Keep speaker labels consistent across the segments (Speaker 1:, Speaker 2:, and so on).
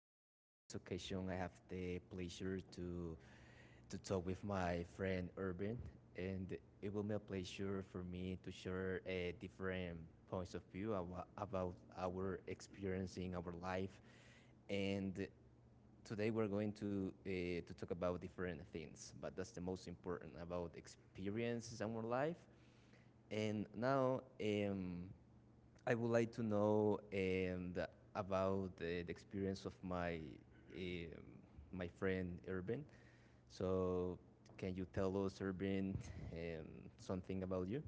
Speaker 1: And in this occasion, I have the pleasure to talk with my friend Urban, and it will be a pleasure for me to share different points of view about our experience in our life. And today, we're going to talk about different things, but that's the most important about experiences in our life. And now, I would like to know about the experience of um, my friend Urban. So, can you tell us, Urban, um, something about you?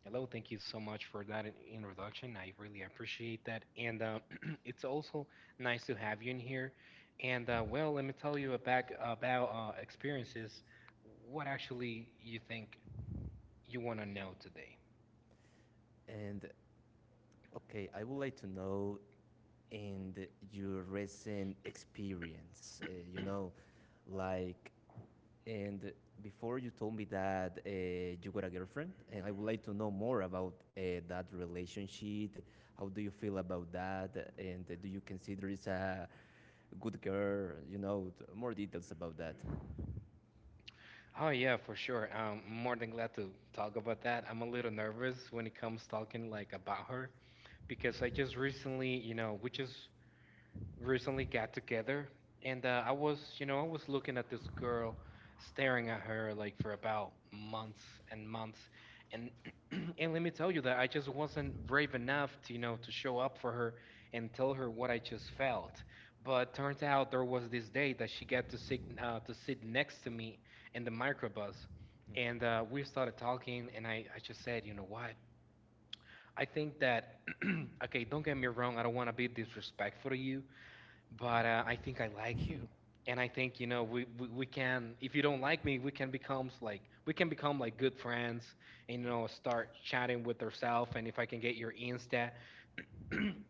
Speaker 2: Hello, thank you so much for that introduction. I really appreciate that. And it's also nice to have you in here. Let me tell you about, about experiences. What actually you think you want to know today?
Speaker 1: And okay, I would like to know your recent experience. Like, and before you told me that you got a girlfriend, and I would like to know more about that relationship. How do you feel about that? And do you consider it's a good girl? You know, more details about that.
Speaker 2: Oh, yeah, for sure. I'm more than glad to talk about that. I'm a little nervous when it comes talking like about her because I just recently, you know, we just recently got together, and I was, you know, I was looking at this girl, staring at her like for about months and months, and and let me tell you that I just wasn't brave enough to, you know, to show up for her and tell her what I just felt. But turns out there was this day that she got to sit next to me in the microbus, and we started talking, and I just said, you know what? I think that okay, don't get me wrong, I don't want to be disrespectful to you, but I think I like you, and I think you know we can. If you don't like me, we can become like we can become like good friends, and you know start chatting with herself. And if I can get your Insta,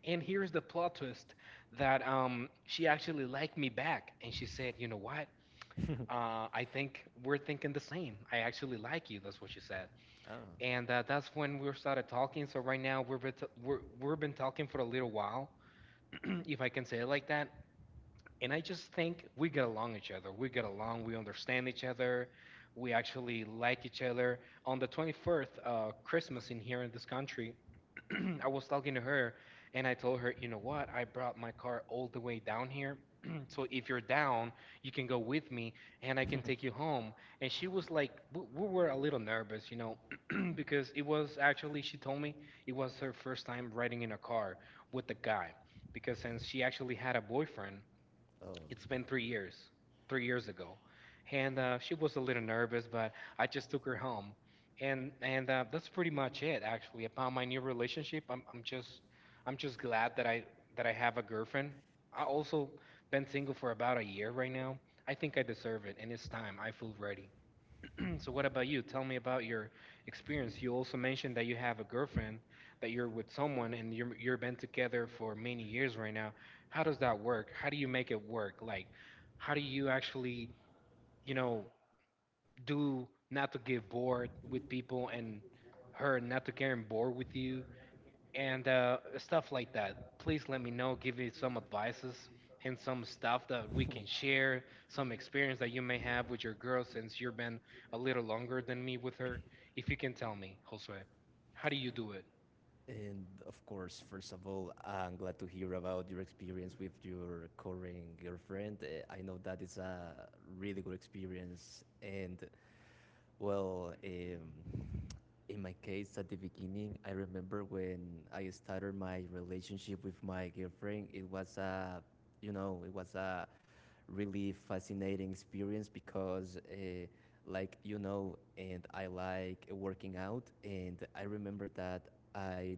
Speaker 2: and here's the plot twist that she actually liked me back, and she said, you know what. I think we're thinking the same. I actually like you. That's what she said,
Speaker 1: Ah.
Speaker 2: and that's when we started talking. So right now we're, we've been talking for a little while, if I can say it like that. And I just think we get along each other. We get along. We understand each other. We actually like each other. On the 24th, Christmas in here in this country, I was talking to her, and I told her, you know what? I brought my car all the way down here. So if you're down, you can go with me, and I can take you home. And she was like, we were a little nervous, you know, because it was actually she told me it was her first time riding in a car with a guy, because since she actually had a boyfriend
Speaker 1: Oh.
Speaker 2: it's been 3 years, 3 years ago, and she was a little nervous, but I just took her home, and that's pretty much it actually. Upon my new relationship, I'm just glad that I have a girlfriend. I also been single for about a year right now. I think I deserve it, and it's time. I feel ready. So what about you? Tell me about your experience. You also mentioned that you have a girlfriend, that you're with someone and you're been together for many years right now. How does that work? How do you make it work? Like, how do you actually, you know, do not to get bored with people and her not to get bored with you? And stuff like that. Please let me know, give me some advices and some stuff that we can share, some experience that you may have with your girl since you've been a little longer than me with her. If you can tell me, Josue, how do you do it?
Speaker 1: And of course, first of all, I'm glad to hear about your experience with your current girlfriend. I know that it's a really good experience. And well, in my case, at the beginning, I remember when I started my relationship with my girlfriend, it was a really fascinating experience because, like and I like working out, and I remember that I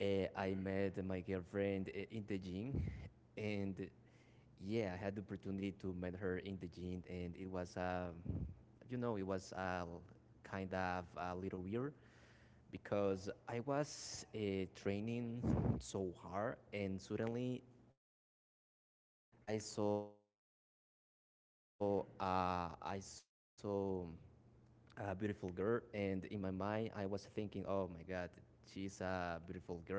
Speaker 1: I met my girlfriend in the gym, and yeah, I had the opportunity to meet her in the gym, and it was kind of a little weird because I was training so hard, and suddenly, and I saw a beautiful girl, and in my mind, I was thinking, oh my God, she's a beautiful girl,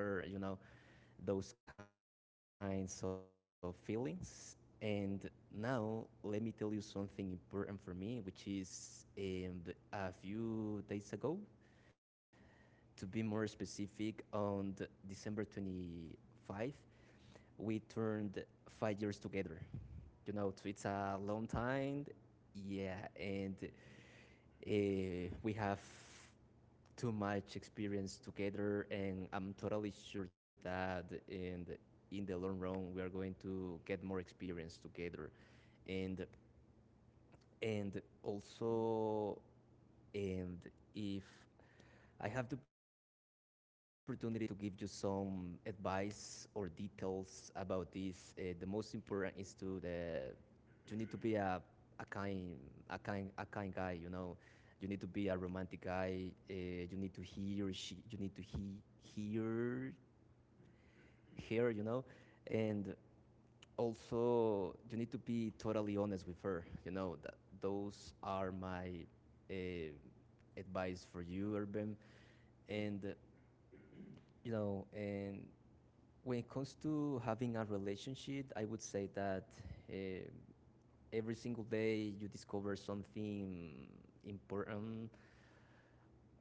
Speaker 1: those kinds of feelings. And now, let me tell you something important for me, which is a few days ago. To be more specific, on December 25th, we turned 5 years together. You know, so it's a long time. Yeah, and we have too much experience together, and I'm totally sure that in the long run we are going to get more experience together, and and also and if I have the opportunity to give you some advice or details about this. The most important is to the you need to be a kind a kind guy. You need to be a romantic guy. You need to hear her. And also you need to be totally honest with her, you know that those are my uh, advice for you, Urban. And uh, you know and when it comes to having a relationship, I would say that um every single day you discover something important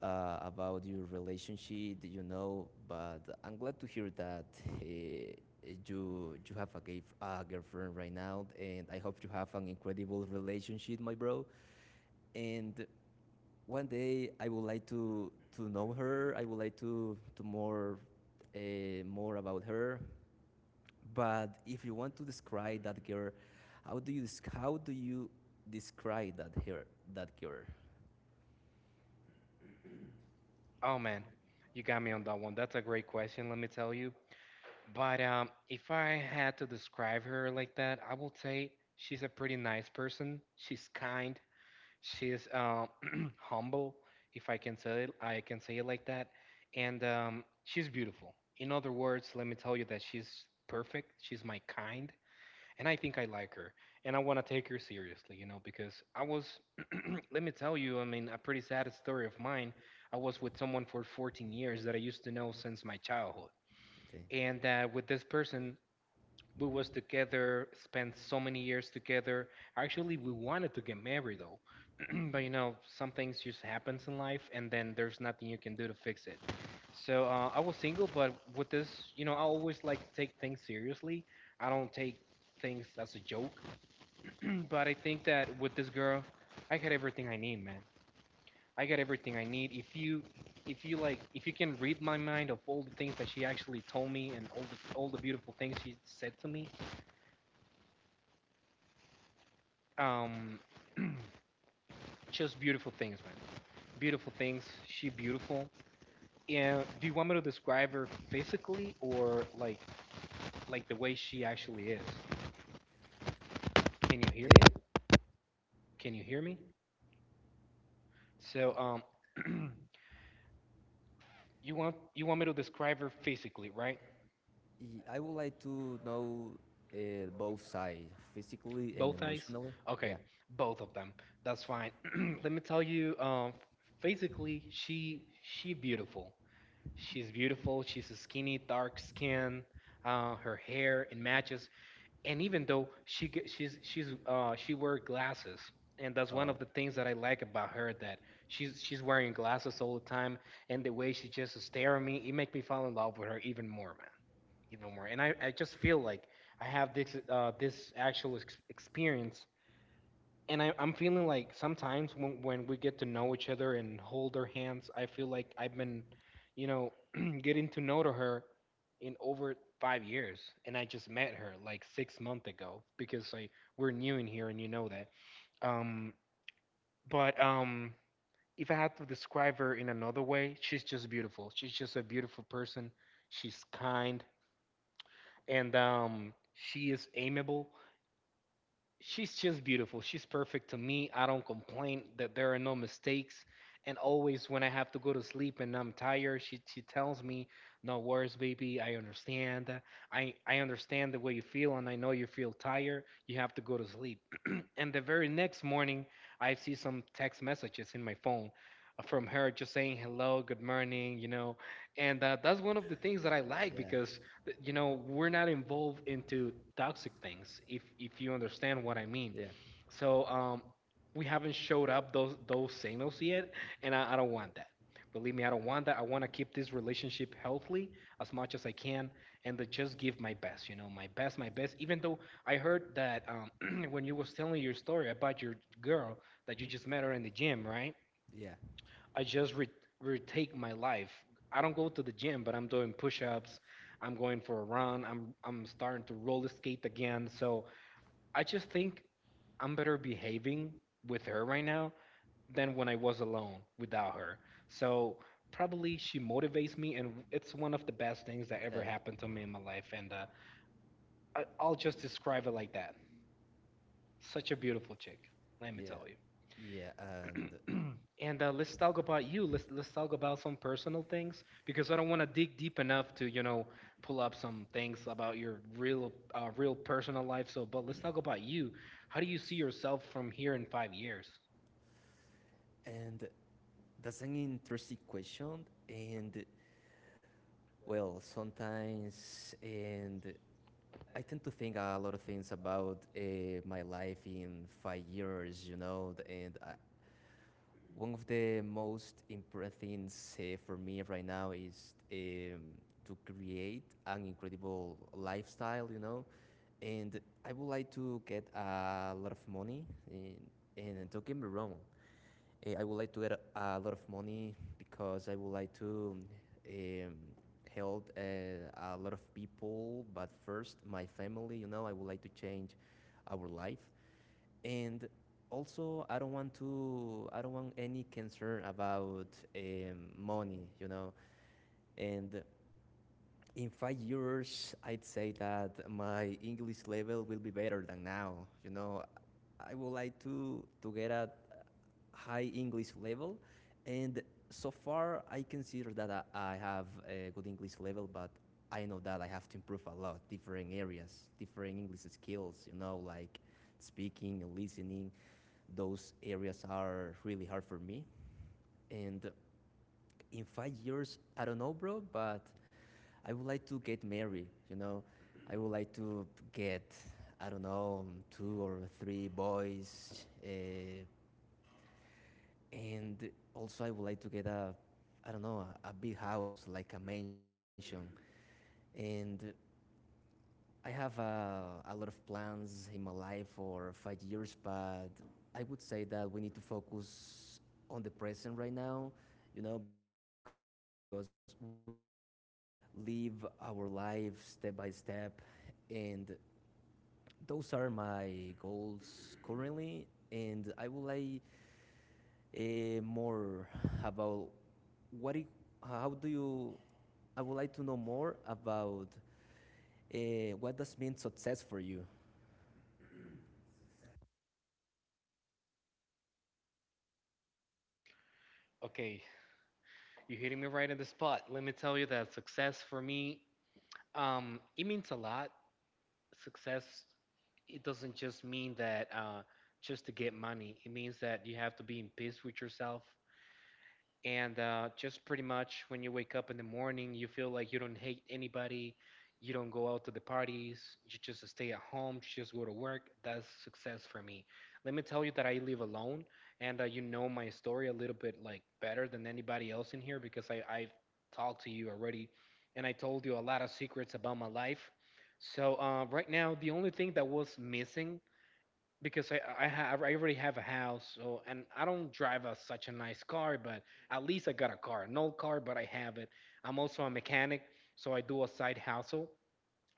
Speaker 1: about your relationship. But I'm glad to hear that uh, you have a girlfriend right now, and I hope you have an incredible relationship, my bro. And one day I would like to know her. I would like to more about her. But if you want to describe that girl, how do you how do you describe that girl?
Speaker 2: Oh man, you got me on that one. That's a great question, let me tell you. But If I had to describe her like that, I will say she's a pretty nice person. She's kind. She's humble, if I can say it, I can say it like that, and she's beautiful. In other words, let me tell you that she's perfect. She's my kind, and I think I like her, and I want to take her seriously, you know, because I was, let me tell you, I mean, a pretty sad story of mine. I was with someone for 14 years that I used to know since my childhood,
Speaker 1: Okay.
Speaker 2: and with this person, we was together, spent so many years together. Actually, we wanted to get married though, but you know, some things just happens in life, and then there's nothing you can do to fix it. So I was single, but with this, you know, I always like to take things seriously. I don't take things as a joke, but I think that with this girl, I got everything I need, man. I got everything I need. If you like, if you can read my mind of all the things that she actually told me and all the beautiful things she said to me, Um, just beautiful things, man. Beautiful things. She beautiful. And do you want me to describe her physically or like the way she actually is? Can you hear
Speaker 1: And
Speaker 2: me? Can you hear me? So you want me to describe her physically, right?
Speaker 1: I would like to know both sides, physically and
Speaker 2: Both eyes.
Speaker 1: emotionally.
Speaker 2: Okay,
Speaker 1: Yeah.
Speaker 2: both of them. That's fine. Let me tell you. Physically, she beautiful. She's beautiful. She's a skinny, dark skin. Her hair it matches and even though she's she wear glasses and that's one of
Speaker 1: Oh.
Speaker 2: the things that I like about her that she's wearing glasses all the time and the way she just stare at me it make me fall in love with her even more man even more and I just feel like I have this this actual experience and I'm feeling like sometimes when we get to know each other and hold her hands, I feel like I've been, you know, getting to know to her in over 5 years, and I just met her like 6 months ago because like we're new in here, and you know that. Um, but if I had to describe her in another way, she's just beautiful. She's just a beautiful person. She's kind, and she is amiable she's just beautiful. She's perfect to me. I don't complain that there are no mistakes. And always when I have to go to sleep and I'm tired, she tells me, no worries, baby. I understand. I understand the way you feel, and I know you feel tired. You have to go to sleep. And the very next morning, I see some text messages in my phone from her just saying hello, good morning, you know. And that's one of the things that I like
Speaker 1: Yeah.
Speaker 2: because you know we're not involved into toxic things if you understand what I mean
Speaker 1: Yeah.
Speaker 2: so we haven't showed up those signals yet and I don't want that believe me I don't want that I want to keep this relationship healthy as much as I can and to just give my best you know my best even though I heard that when you was telling your story about your girl that you
Speaker 1: Hmm?
Speaker 2: just met her in the gym right
Speaker 1: Yeah.
Speaker 2: I just re- retake my life. I don't go to the gym, but I'm doing push-ups. I'm going for a run. I'm starting to roller skate again. So I just think I'm better behaving with her right now than when I was alone without her. So probably she motivates me, and it's one of the best things that ever
Speaker 1: Yeah.
Speaker 2: happened to me in my life. And I'll just describe it like that. Such a beautiful chick. Let me
Speaker 1: Yeah,
Speaker 2: tell you.
Speaker 1: yeah, and
Speaker 2: And Let's talk about you. Let's talk about some personal things because I don't want to dig deep enough to you know pull up some things about your real real personal life. So, but let's talk about you. How do you see yourself from here in 5 years?
Speaker 1: and that's an interesting question. And well, sometimes and I tend to think a lot of things about my life in 5 years, and one of the most important things for me right now is to create an incredible lifestyle, and I would like to get a lot of money. And, and don't get me wrong. I would like to get a lot of money because I would like to um, help a lot of people, but first my family. I would like to change our life. And also, I don't want any concern about money. And in 5 years, I'd say that my English level will be better than now. You know, I would like to get a high English level, and so far I consider that I have a good English level, but I know that I have to improve a lot, different areas, different English skills. You know, like speaking and listening. Those areas are really hard for me, and in 5 years, I don't know, bro, but I would like to get married. I would like to get, I don't know, two or three boys. And also, I would like to get I don't know, a, big house, like a mansion. And I have a lot of plans in my life for 5 years, but I would say that we need to focus on the present right now, because we need to live our life step by step, and those are my goals currently, and I would like more about what. How do you? I would like to know more about uh, what does mean success for you.
Speaker 2: Okay, you're hitting me right in the spot. Let me tell you that success for me, it means a lot. Success, it doesn't just mean that just to get money. It means that you have to be in peace with yourself. And just pretty much when you wake up in the morning, you feel like you don't hate anybody, you don't go out to the parties, you just stay at home, you just go to work. That's success for me. Let me tell you that I live alone, and you know my story a little bit like better than anybody else in here because I've talked to you already, and I told you a lot of secrets about my life. So right now, the only thing that was missing because I already have a house, so and I don't drive a, such a nice car, but at least I got a car. An old car, but I have it. I'm also a mechanic, so I do a side hustle.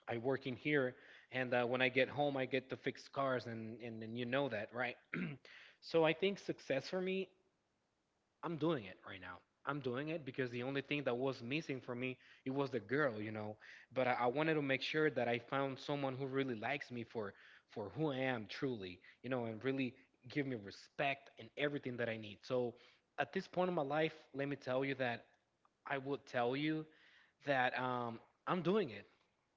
Speaker 2: I work in here, and when I get home, I get to fix cars, and you know that, right? So I think success for me I'm doing it right now. I'm doing it because the only thing that was missing for me it was the girl, you know. But I wanted to make sure that I found someone who really likes me for who I am truly, you know, and really give me respect and everything that I need. So at this point in my life, let me tell you that I would tell you that I'm doing it.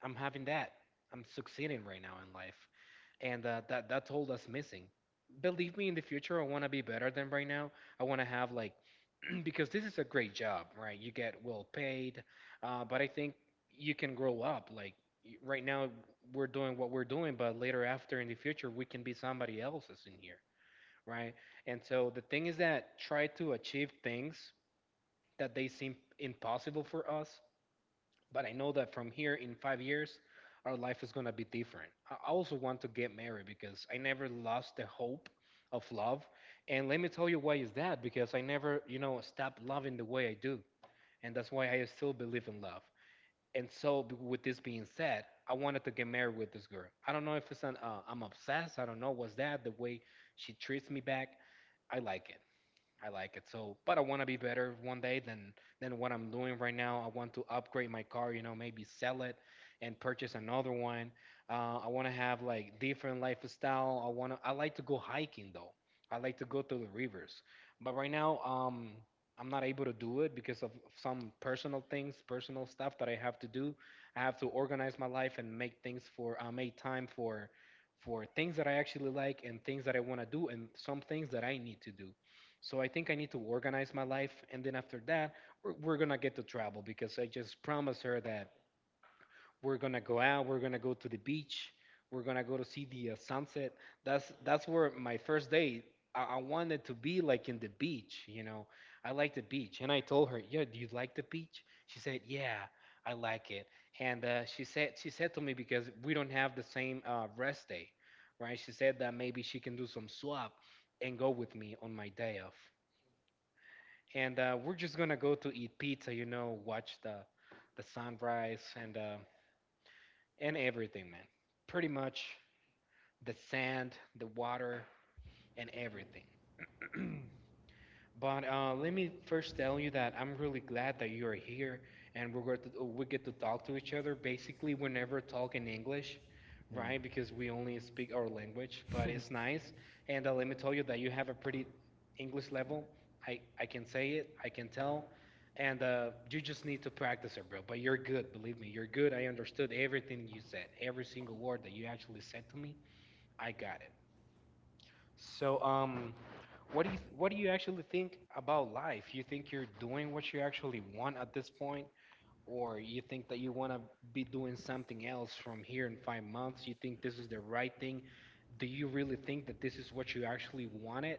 Speaker 2: I'm having that. I'm succeeding right now in life, and that's all that's missing. Believe me, in the future, I want to be better than right now. I want to have like because this is a great job, right? You get well paid, but I think you can grow up. Like right now, we're doing what we're doing, but later after in the future, we can be somebody else's in here, right? And so the thing is that try to achieve things that they seem impossible for us, but I know that from here in 5 years, our life is gonna be different. I also want to get married because I never lost the hope of love. And let me tell you why is that because I never, you know, stopped loving the way I do, and that's why I still believe in love. And so, with this being said, I wanted to get married with this girl. I don't know if it's an I'm obsessed. I don't know what's that the way she treats me back. I like it. I like it. So, but I want to be better one day than what I'm doing right now. I want to upgrade my car, you know, maybe sell it and purchase another one. I want to have like different lifestyle. I want to. I like to go hiking though. I like to go to the rivers. But right now, I'm not able to do it because of some personal things, personal stuff that I have to do. I have to organize my life and make things for make time for things that I actually like and things that I want to do and some things that I need to do. So I think I need to organize my life. And then after that, we're going to get to travel because I just promised her that we're going to go out, we're going to go to the beach, we're going to go to see the sunset. That's where my first day I wanted to be like in the beach, you know. I like the beach. And I told her, "Yeah, do you like the beach?" She said, "Yeah, I like it." And she said to me because we don't have the same rest day, right? She said that maybe she can do some swap and go with me on my day off and we're just gonna go to eat pizza, you know, watch the sunrise and and everything, man. Pretty much the sand, the water, and everything. But let me first tell you that I'm really glad that you're here and we get to talk to each other. Basically, we never talk in English,
Speaker 1: Mm.
Speaker 2: right? Because we only speak our language.
Speaker 1: It's
Speaker 2: But it's nice. And let me tell you that you have a pretty English level. I can say it. I can tell. And you just need to practice it, bro. But you're good. Believe me, you're good. I understood everything you said. Every single word that you actually said to me, I got it. So what do you actually think about life? You think you're doing what you actually want at this point, or you think that you want to be doing something else from here in 5 months? You think this is the right thing? Do you really think that this is what you actually wanted,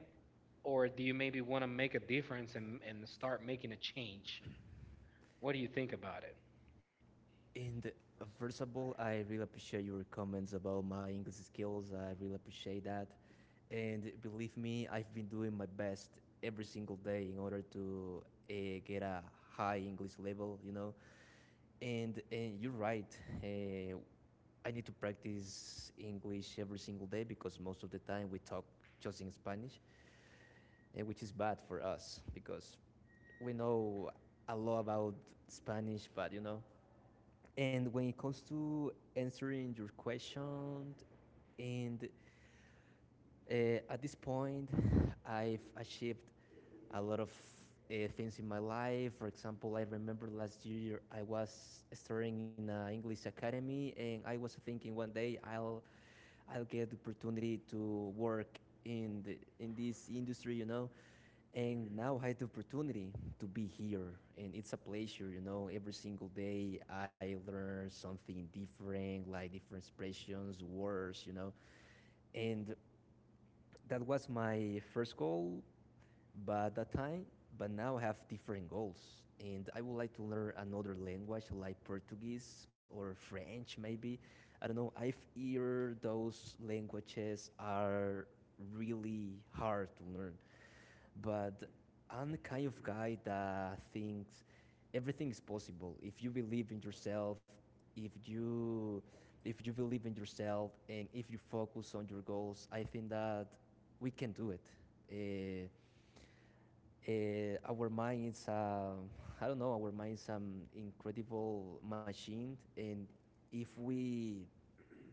Speaker 2: or do you maybe want to make a difference and start making a change? What do you think about it?
Speaker 1: nice. And first of all, I really appreciate your comments about my English skills. I really appreciate that. And believe me, I've been doing my best every single day in order to uh, get a high English level. And you're right. I need to practice English every single day because most of the time we talk just in Spanish, which is bad for us because we know a lot about Spanish, but you know. And when it comes to answering your question, and at this point, I've achieved a lot of things in my life. For example, I remember last year I was studying in an English academy, and I was thinking one day I'll get the opportunity to work in this industry. And now I had the opportunity to be here, and it's a pleasure. Every single day I learn something different, like different expressions, words. And that was my first goal but that time, but now I have different goals, and I would like to learn another language like Portuguese or French, maybe. I don't know. I've heard those languages are really hard to learn, but I'm the kind of guy that thinks everything is possible if you believe in yourself, if you if you believe in yourself, and if you focus on your goals. I think that we can do it. Uh, our mind is I don't know. Our mind is an incredible machine, and if we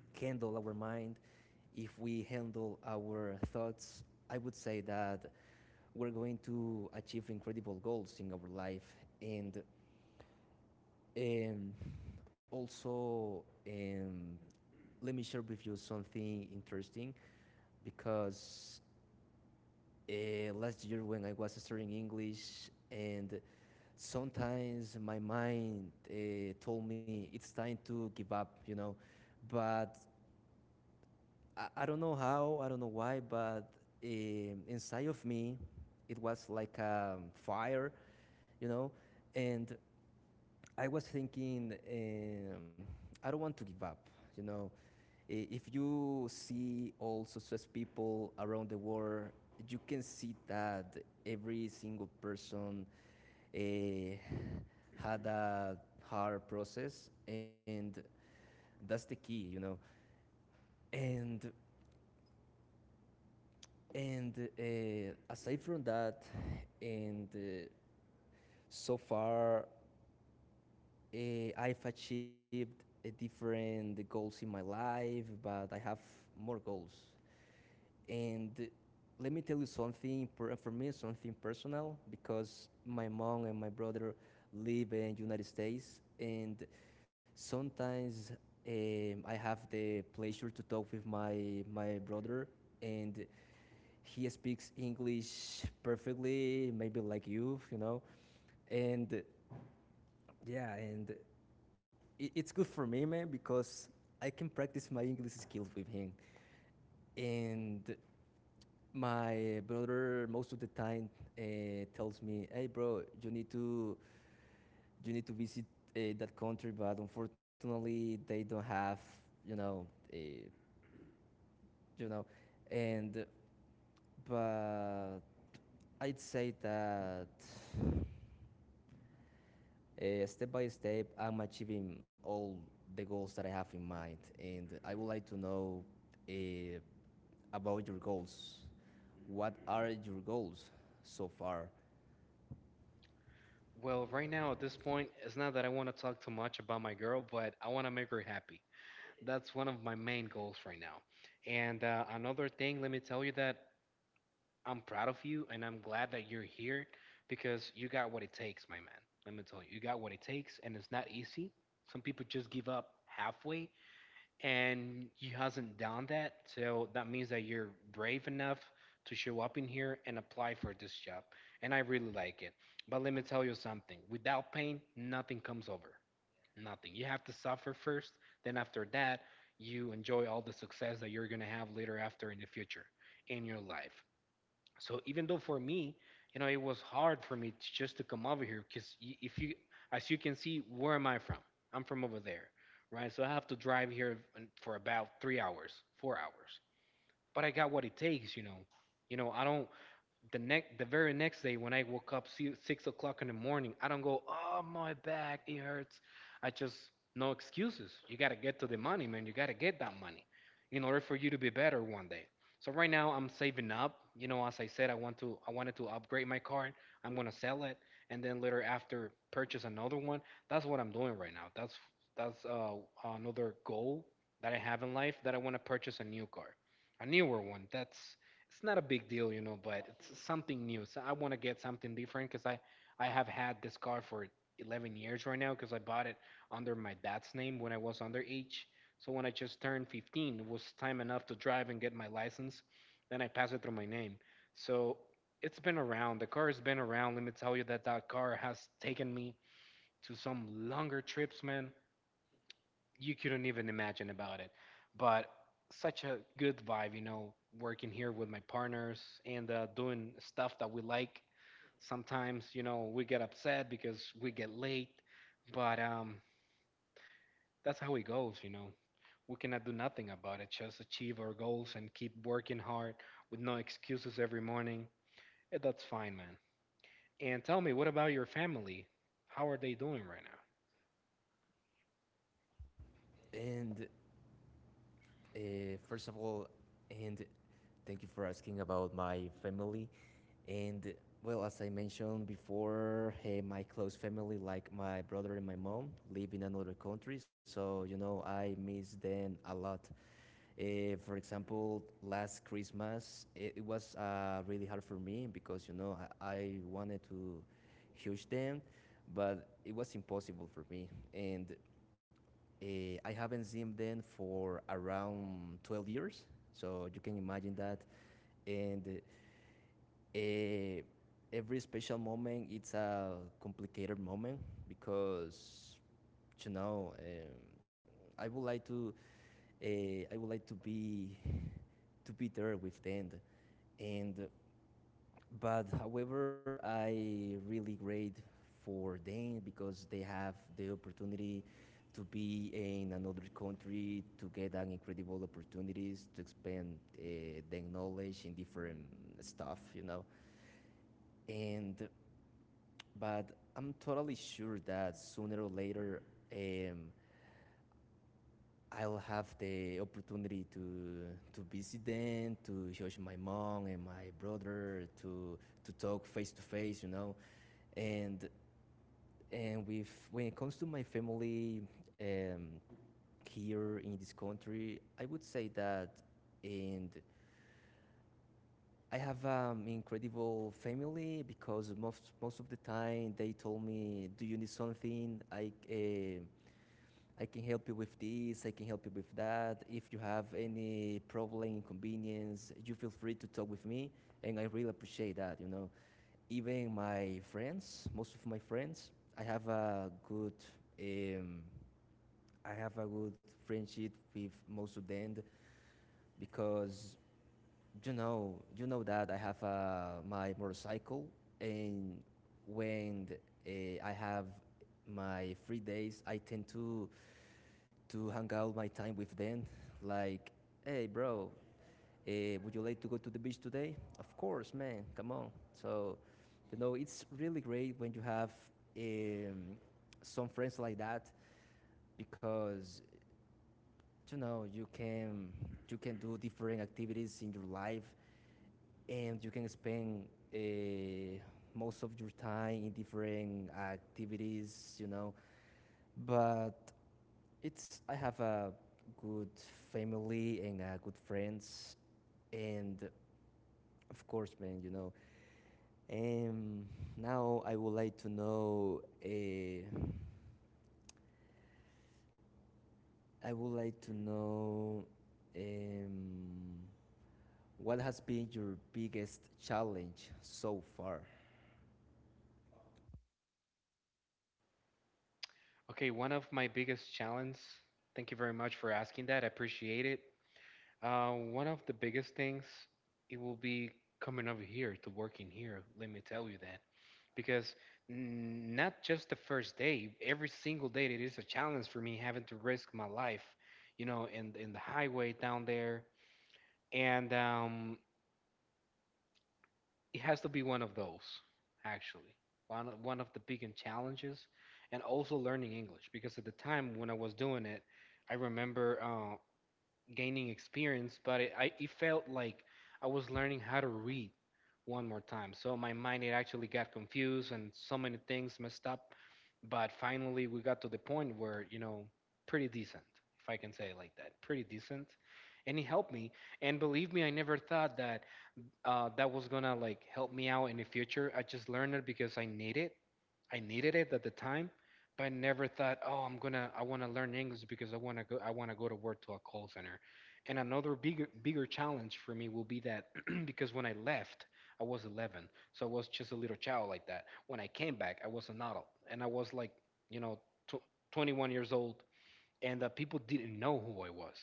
Speaker 1: handle our mind, if we handle our thoughts, I would say that we're going to achieve incredible goals in our life. And um, also, let me share with you something interesting because last year when I was studying English and sometimes my mind told me it's time to give up, but I don't know how, I don't know why, but uh, inside of me, it was like a fire, you know, and I was thinking, I don't want to give up. You know, if you see all successful people around the world, you can see that every single person uh, had a hard process, and that's the key. and and aside from that and so far, uh, I've achieved different goals in my life, but I have more goals, and let me tell you something important for me, something personal, because my mom and my brother live in the United States. And sometimes I have the pleasure to talk with my brother, and he speaks English perfectly, maybe like you know. And yeah, and it's good for me, man, because I can practice my English skills with him. And my brother, most of the time, tells me, "Hey, bro, you need to visit that country, but unfortunately, they don't have you know." Uh, you know. And but I'd say that step by step, I'm achieving all the goals that I have in mind. And I would like to know uh, about your goals. What are your goals so far?
Speaker 2: Well, right now at this point, it's not that I want to talk too much about my girl, but I want to make her happy. That's one of my main goals right now. And another thing, let me tell you that I'm proud of you and I'm glad that you're here because you got what it takes, my man. Let me tell you, you got what it takes and it's not easy. Some people just give up halfway and you hasn't done that. So that means that you're brave enough to show up in here and apply for this job. And I really like it. But let me tell you something. Without pain, nothing comes over. Nothing. You have to suffer first, then after that, you enjoy all the success that you're going to have later after in the future in your life. So even though for me, you know, it was hard for me to, just to come over here because if you as you can see where am I from, I'm from over there, right? So I have to drive here for about 3 hours 4 hours, but I got what it takes, you know. You know, I don't the next the very next day when I woke up 6 o'clock in the morning, I don't go, oh my back, it hurts. I just no excuses. You gotta get to the money, man. You gotta get that money in order for you to be better one day. So right now I'm saving up. You know, as I said, I wanted to upgrade my car. I'm gonna sell it and then later after purchase another one. That's what I'm doing right now. That's another goal that I have in life that I want to purchase a new car, a newer one. That's it's not a big deal, you know, but it's something new. So I want to get something different because I have had this car for 11 years right now because I bought it under my dad's name when I was underage. So when I just turned 15, it was time enough to drive and get my license. Then I passed it through my name. So it's been around. The car has been around. Let me tell you that that car has taken me to some longer trips, man, you couldn't even imagine about it. But such a good vibe, you know, working here with my partners and doing stuff that we like. Sometimes, you know, we get upset because we get late, but that's how it goes, you know. We cannot do nothing about it, just achieve our goals and keep working hard with no excuses every morning. That's fine, man. And tell me, what about your family? How are they doing right now?
Speaker 1: And uh, first of all, and thank you for asking about my family. And well, as I mentioned before, my close family, like my brother and my mom, live in another country. So, I miss them a lot. For example, last Christmas, it was really hard for me because, I wanted to hug them, but it was impossible for me. And uh, I haven't seen them for around 12 years. So you can imagine that. And Eh, every special moment, it's a complicated moment because you know um, I would like to I would like to be there with the end, and but however, I really great for them because they have the opportunity to be in another country to get an incredible opportunities to expand their knowledge in different stuff. You know and But I'm totally sure that sooner or later, um, I'll have the opportunity to visit them, to show my mom and my brother, to talk face to face. And and with when it comes to my family um, here in this country, I would say that and I have an incredible family because most of the time they told me, "Do you need something? I can help you with this, I can help you with that. If you have any problem, inconvenience, you feel free to talk with me." And I really appreciate that. Even my friends, most of my friends, I have um, a good friendship with most of them because you know that I have my motorcycle, and when uh, I have my free days, I tend to hang out my time with them. Like, hey, bro, would you like to go to the beach today? Of course, man. Come on. So, it's really great when you have um, some friends like that, because you know you can you can do different activities in your life, and you can spend uh, most of your time in different activities. You know but It's I have a good family and good friends, and of course, man. Um, Now I would like to know. I would like to know um, what has been your biggest challenge so far.
Speaker 2: Okay, one of my biggest challenges thank you very much for asking that. I appreciate it. One of the biggest things it will be coming over here to working here. Let me tell you that, because not just the first day, every single day it is a challenge for me having to risk my life, you know, in the highway down there, and it has to be one of those actually. One of the big and challenges, and also learning English because at the time when I was doing it, I remember. Gaining experience, but I, it felt like I was learning how to read one more time. So my mind it actually got confused and so many things messed up. But finally, we got to the point where you know, pretty decent, if I can say it like that, pretty decent, and it helped me. And believe me, I never thought that that was gonna like help me out in the future. I just learned it because I need it. I needed it at the time, but I never thought, oh, I want to learn English because I want to go to work to a call center. And another bigger challenge for me will be that because when I left, I was 11, so I was just a little child like that. When I came back, I was an adult, and I was like, you know, tw- 21 years old, and people didn't know who I was,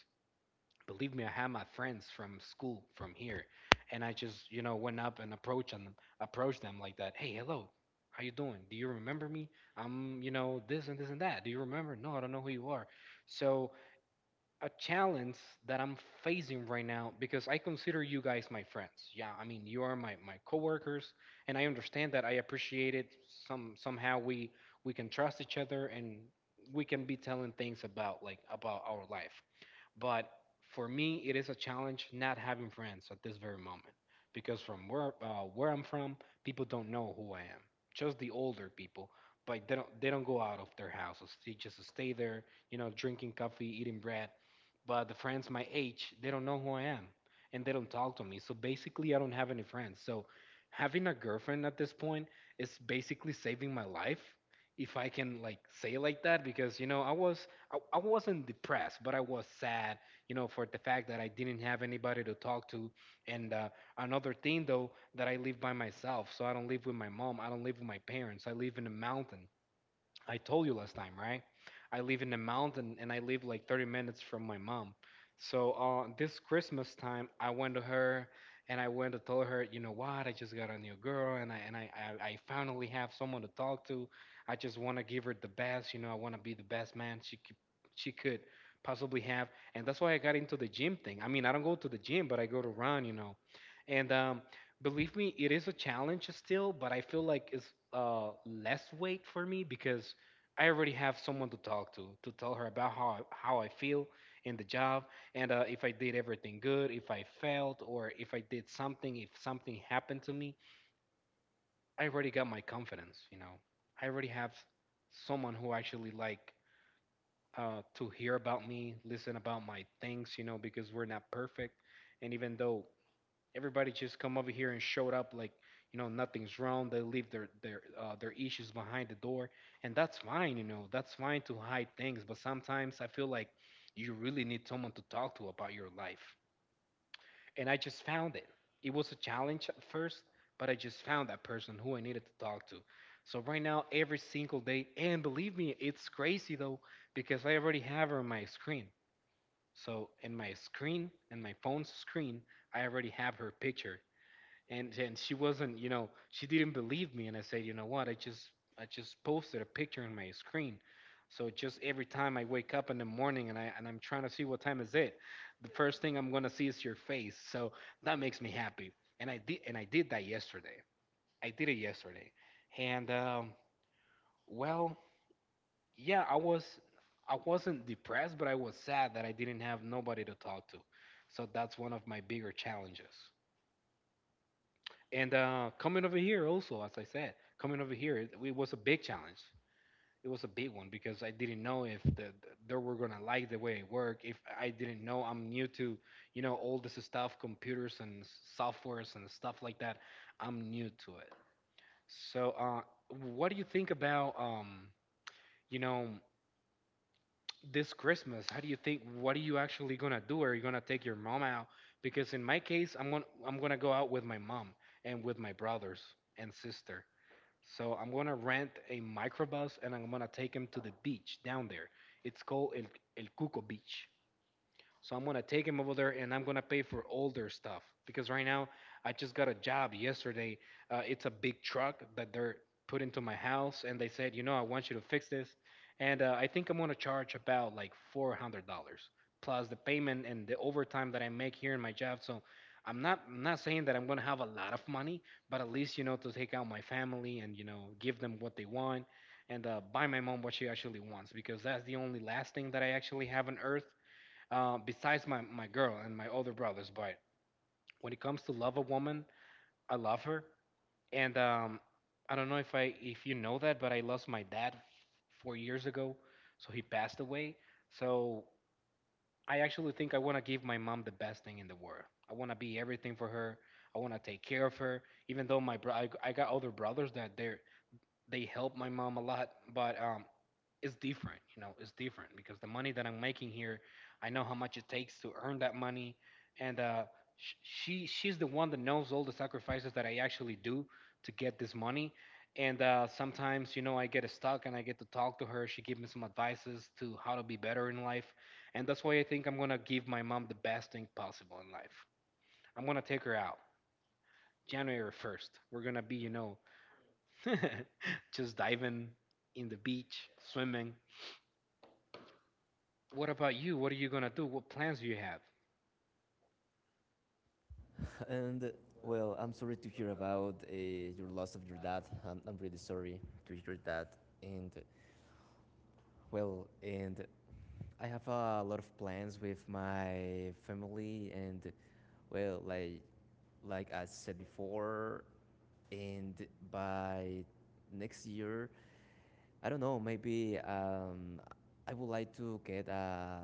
Speaker 2: believe me. I had my friends from school from here, and I just, you know, went up and approached them, like that. Hey, hello, how you doing? Do you remember me? I'm, you know, this and this and that. Do you remember? No, I don't know who you are. So a challenge that I'm facing right now, because I consider you guys my friends. Yeah, I mean, you are my coworkers, and I understand that. I appreciate it. Somehow we can trust each other and we can be telling things about, like about our life, but for me, it is a challenge not having friends at this very moment. Because from where, where I'm from, people don't know who I am. Just the older people, but they don't go out of their houses. They just stay there, you know, drinking coffee, eating bread. But the friends my age, they don't know who I am, and they don't talk to me. So basically, I don't have any friends. So having a girlfriend at this point is basically saving my life, if I can like say it like that, because I wasn't depressed, but I was sad, you know, for the fact that I didn't have anybody to talk to. And another thing, though, that I live by myself. So I don't live with my mom. I don't live with my parents. I live in a mountain. I told you last time, right? I live in the mountain and I live like 30 minutes from my mom. So this Christmas time, I went to her and I went to tell her, you know what? I just got a new girl, I finally have someone to talk to. I just want to give her the best. You know, I want to be the best man she could possibly have. And that's why I got into the gym thing. I mean, I don't go to the gym, but I go to run. You know, and believe me, it is a challenge still, but I feel like it's less weight for me because I already have someone to talk to tell her about how I feel in the job and if I did everything good, if I failed, or if I did something, if something happened to me. I already got my confidence, you know. I already have someone who actually like to hear about me, listen about my things, you know, because we're not perfect, and even though everybody just come over here and showed up like, you know, nothing's wrong, they leave their issues behind the door. And that's fine, you know, that's fine to hide things, but sometimes I feel like you really need someone to talk to about your life. And I just found it was a challenge at first, but I just found that person who I needed to talk to. So right now, every single day, and believe me, it's crazy though, because I already have her on my screen. So in my screen, in my phone's screen, I already have her picture. And she wasn't, you know, she didn't believe me, and I said, you know what? I just posted a picture on my screen. So just every time I wake up in the morning and I'm trying to see what time is it, the first thing I'm going to see is your face. So that makes me happy. And I did that yesterday. I did it yesterday. And well, yeah, I wasn't depressed, but I was sad that I didn't have nobody to talk to. So that's one of my bigger challenges. And coming over here also, as I said, coming over here, it was a big challenge. It was a big one because I didn't know if they were gonna like the way it worked. If I didn't know, I'm new to, you know, all this stuff, computers and softwares and stuff like that. I'm new to it. So, what do you think about, you know, this Christmas? How do you think? What are you actually gonna do? Are you gonna take your mom out? Because in my case, I'm gonna go out with my mom and with my brothers and sister. So I'm gonna rent a microbus and I'm gonna take him to the beach down there. It's called El Cuco Beach. So I'm gonna take him over there and I'm gonna pay for all their stuff, because right now I just got a job yesterday. It's a big truck that they're put into my house, and they said, you know, I want you to fix this, and I think I'm gonna charge about like $400 plus the payment and the overtime that I make here in my job. So I'm not saying that I'm gonna have a lot of money, but at least, you know, to take out my family and, you know, give them what they want and buy my mom what she actually wants, because that's the only last thing that I actually have on earth, besides my girl and my older brothers. But when it comes to love a woman, I love her. And I don't know if you know that, but I lost my dad 4 years ago, so he passed away. So I actually think I want to give my mom the best thing in the world. I want to be everything for her. I want to take care of her, even though I got older brothers that they help my mom a lot, but it's different. You know, it's different because the money that I'm making here, I know how much it takes to earn that money, and she's the one that knows all the sacrifices that I actually do to get this money. And sometimes, you know, I get stuck and I get to talk to her. She gives me some advices to how to be better in life, and that's why I think I'm gonna give my mom the best thing possible in life. I'm gonna take her out January 1st. We're gonna be, you know, just diving in the beach, swimming. What about you? What are you gonna do? What plans do you have?
Speaker 1: And well, I'm sorry to hear about your loss of your dad. I'm really sorry to hear that. And well, and I have a lot of plans with my family. And well, like I said before, and by next year, I don't know, maybe I would like to get a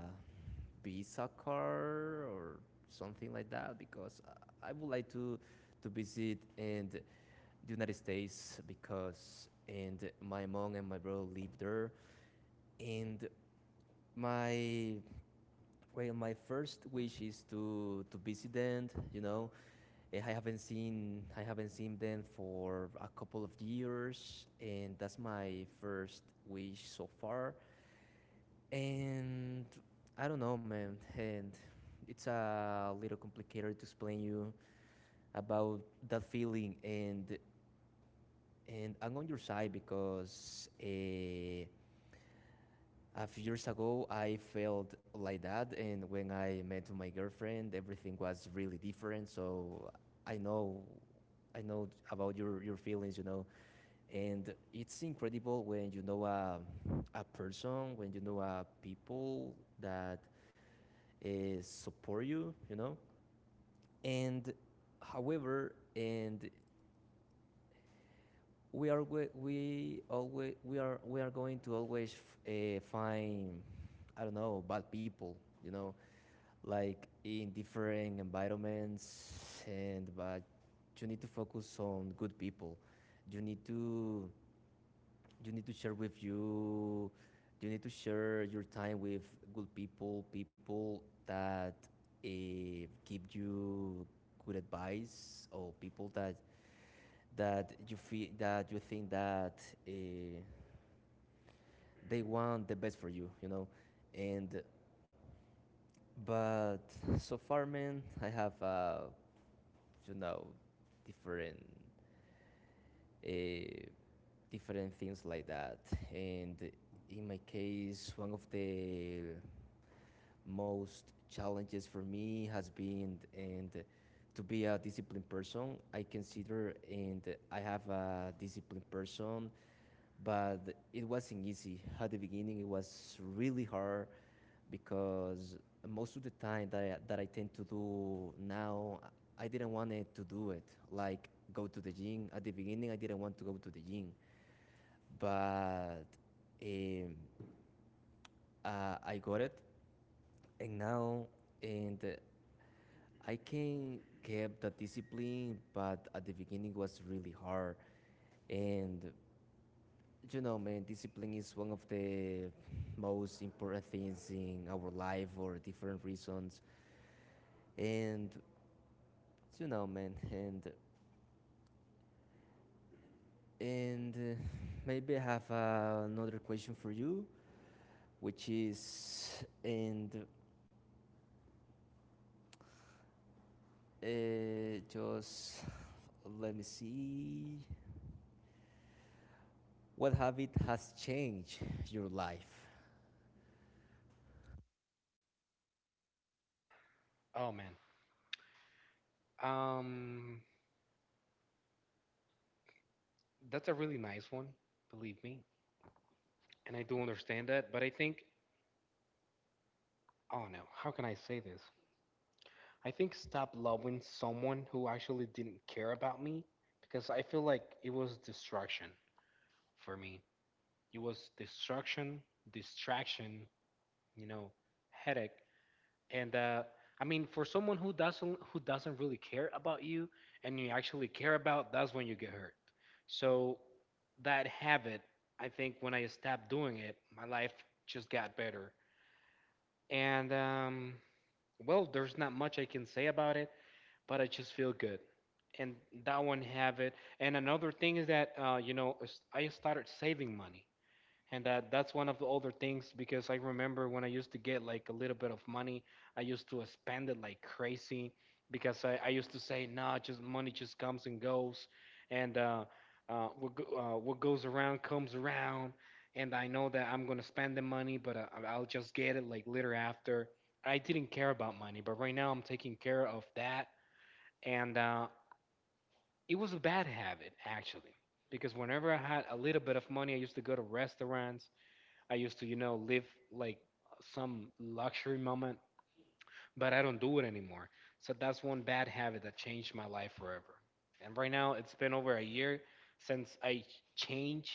Speaker 1: visa card or something like that, because I would like to visit in the United States, because and my mom and my bro live there and my Well, my first wish is to visit them. I haven't seen them for a couple of years, and that's my first wish so far. And I don't know, man. And it's a little complicated to explain you about that feeling. And I'm on your side, because a few years ago, I felt like that, and when I met my girlfriend, everything was really different. So I know, I know about your feelings, and it's incredible when you know a person, when you know a people that uh, support you, you know. And however, and we are we always we are going to always find, I don't know, bad people, you know like in different environments. And but you need to focus on good people. You need to you need to share your time with good people, people that uh, give you good advice, or people that you think that uh, they want the best for you you know and but so far, man, I have you know different uh, different things like that. And in my case, one of the most challenges for me has been and to be a disciplined person. I consider and I have a disciplined person, but it wasn't easy. At the beginning, it was really hard because most of the time that I tend to do now, I didn't want it to do it. Like, go to the gym. At the beginning, I didn't want to go to the gym, but um, I got it, and now, and I can keep the discipline. But at the beginning, was really hard. And man, discipline is one of the most important things in our life for different reasons. And man, and maybe I have another question for you, which is, and uh, just let me see, what habit has changed your life?
Speaker 2: Oh man. Um that's a really nice one, believe me. And I do understand that, but I think, oh no, how can I say this? I think stop loving someone who actually didn't care about me, because I feel like it was destruction for me. It was destruction, distraction, you know, headache and I mean, for someone who doesn't really care about you, and you actually care about, that's when you get hurt. So that habit, I think, when I stopped doing it, my life just got better. And well, there's not much I can say about it, but I just feel good. And that one habit. And another thing is that I started saving money, and that's one of the older things, because I remember when I used to get like a little bit of money, I used to spend it like crazy, because I used to say, nah, just money just comes and goes, and what goes around comes around, and I know that I'm gonna spend the money, but I'll just get it like later after. I didn't care about money, but right now I'm taking care of that, and it was a bad habit actually, because whenever I had a little bit of money, I used to go to restaurants, I used to, you know, live like some luxury moment, but I don't do it anymore. So that's one bad habit that changed my life forever. And right now, it's been over a year since I changed.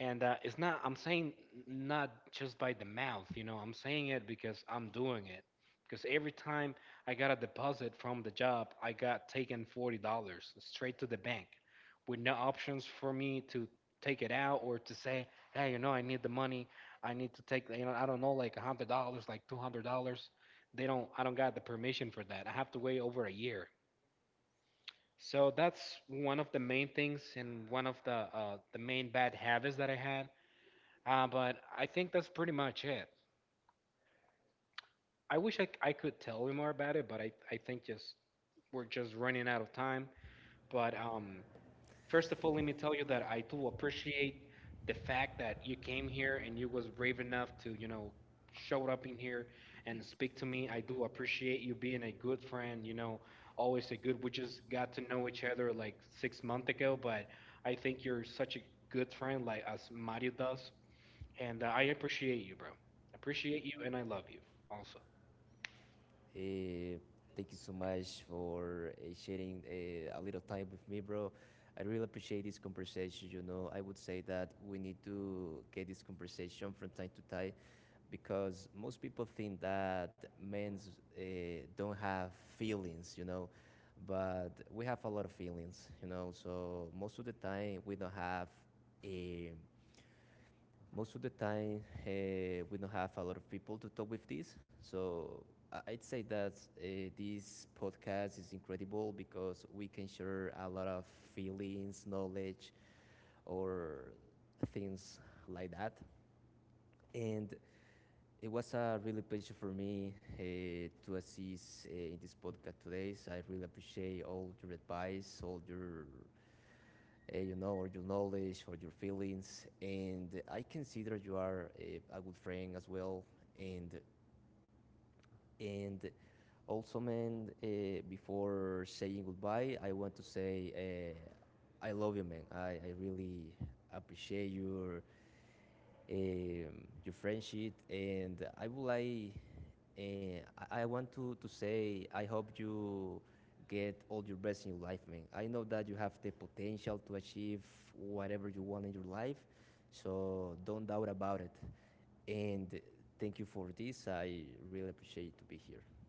Speaker 2: And it's not, I'm saying not just by the mouth, you know, I'm saying it because I'm doing it. Because every time I got a deposit from the job, I got taken $40 straight to the bank, with no options for me to take it out or to say, hey, you know, I need the money. I need to take, you know, I don't know, like $100, like $200. They don't, I don't got the permission for that. I have to wait over a year. So that's one of the main things and one of the main bad habits that I had. But I think that's pretty much it. I wish I could tell you more about it, but I think just we're just running out of time. But first of all, let me tell you that I do appreciate the fact that you came here and you was brave enough to, you know, showed up in here and speak to me. I do appreciate you being a good friend, you know, always a good. We just got to know each other like 6 months ago, but I think you're such a good friend, like as Mario does, and I appreciate you, bro. Appreciate you, and I love you also.
Speaker 1: Uh, Thank you so much for sharing a little time with me, bro. I really appreciate this conversation. You know, I would say that we need to get this conversation from time to time, because most people think that men uh, don't have feelings, but we have a lot of feelings. So most of the time, we don't have a most of the time we don't have a lot of people to talk with this. So I would say that uh, this podcast is incredible, because we can share a lot of feelings, knowledge, or things like that. And it was a really pleasure for me to assist in this podcast today. So I really appreciate all your advice, all your, you know, or your knowledge, or your feelings, and I consider you are a good friend as well. And and also, man, before saying goodbye, I want to say I love you, man. I really appreciate your friendship, and I would like And I want to say, I hope you get all your best in your life, man. I know that you have the potential to achieve whatever you want in your life, so don't doubt about it. And thank you for this. I really appreciate to be here.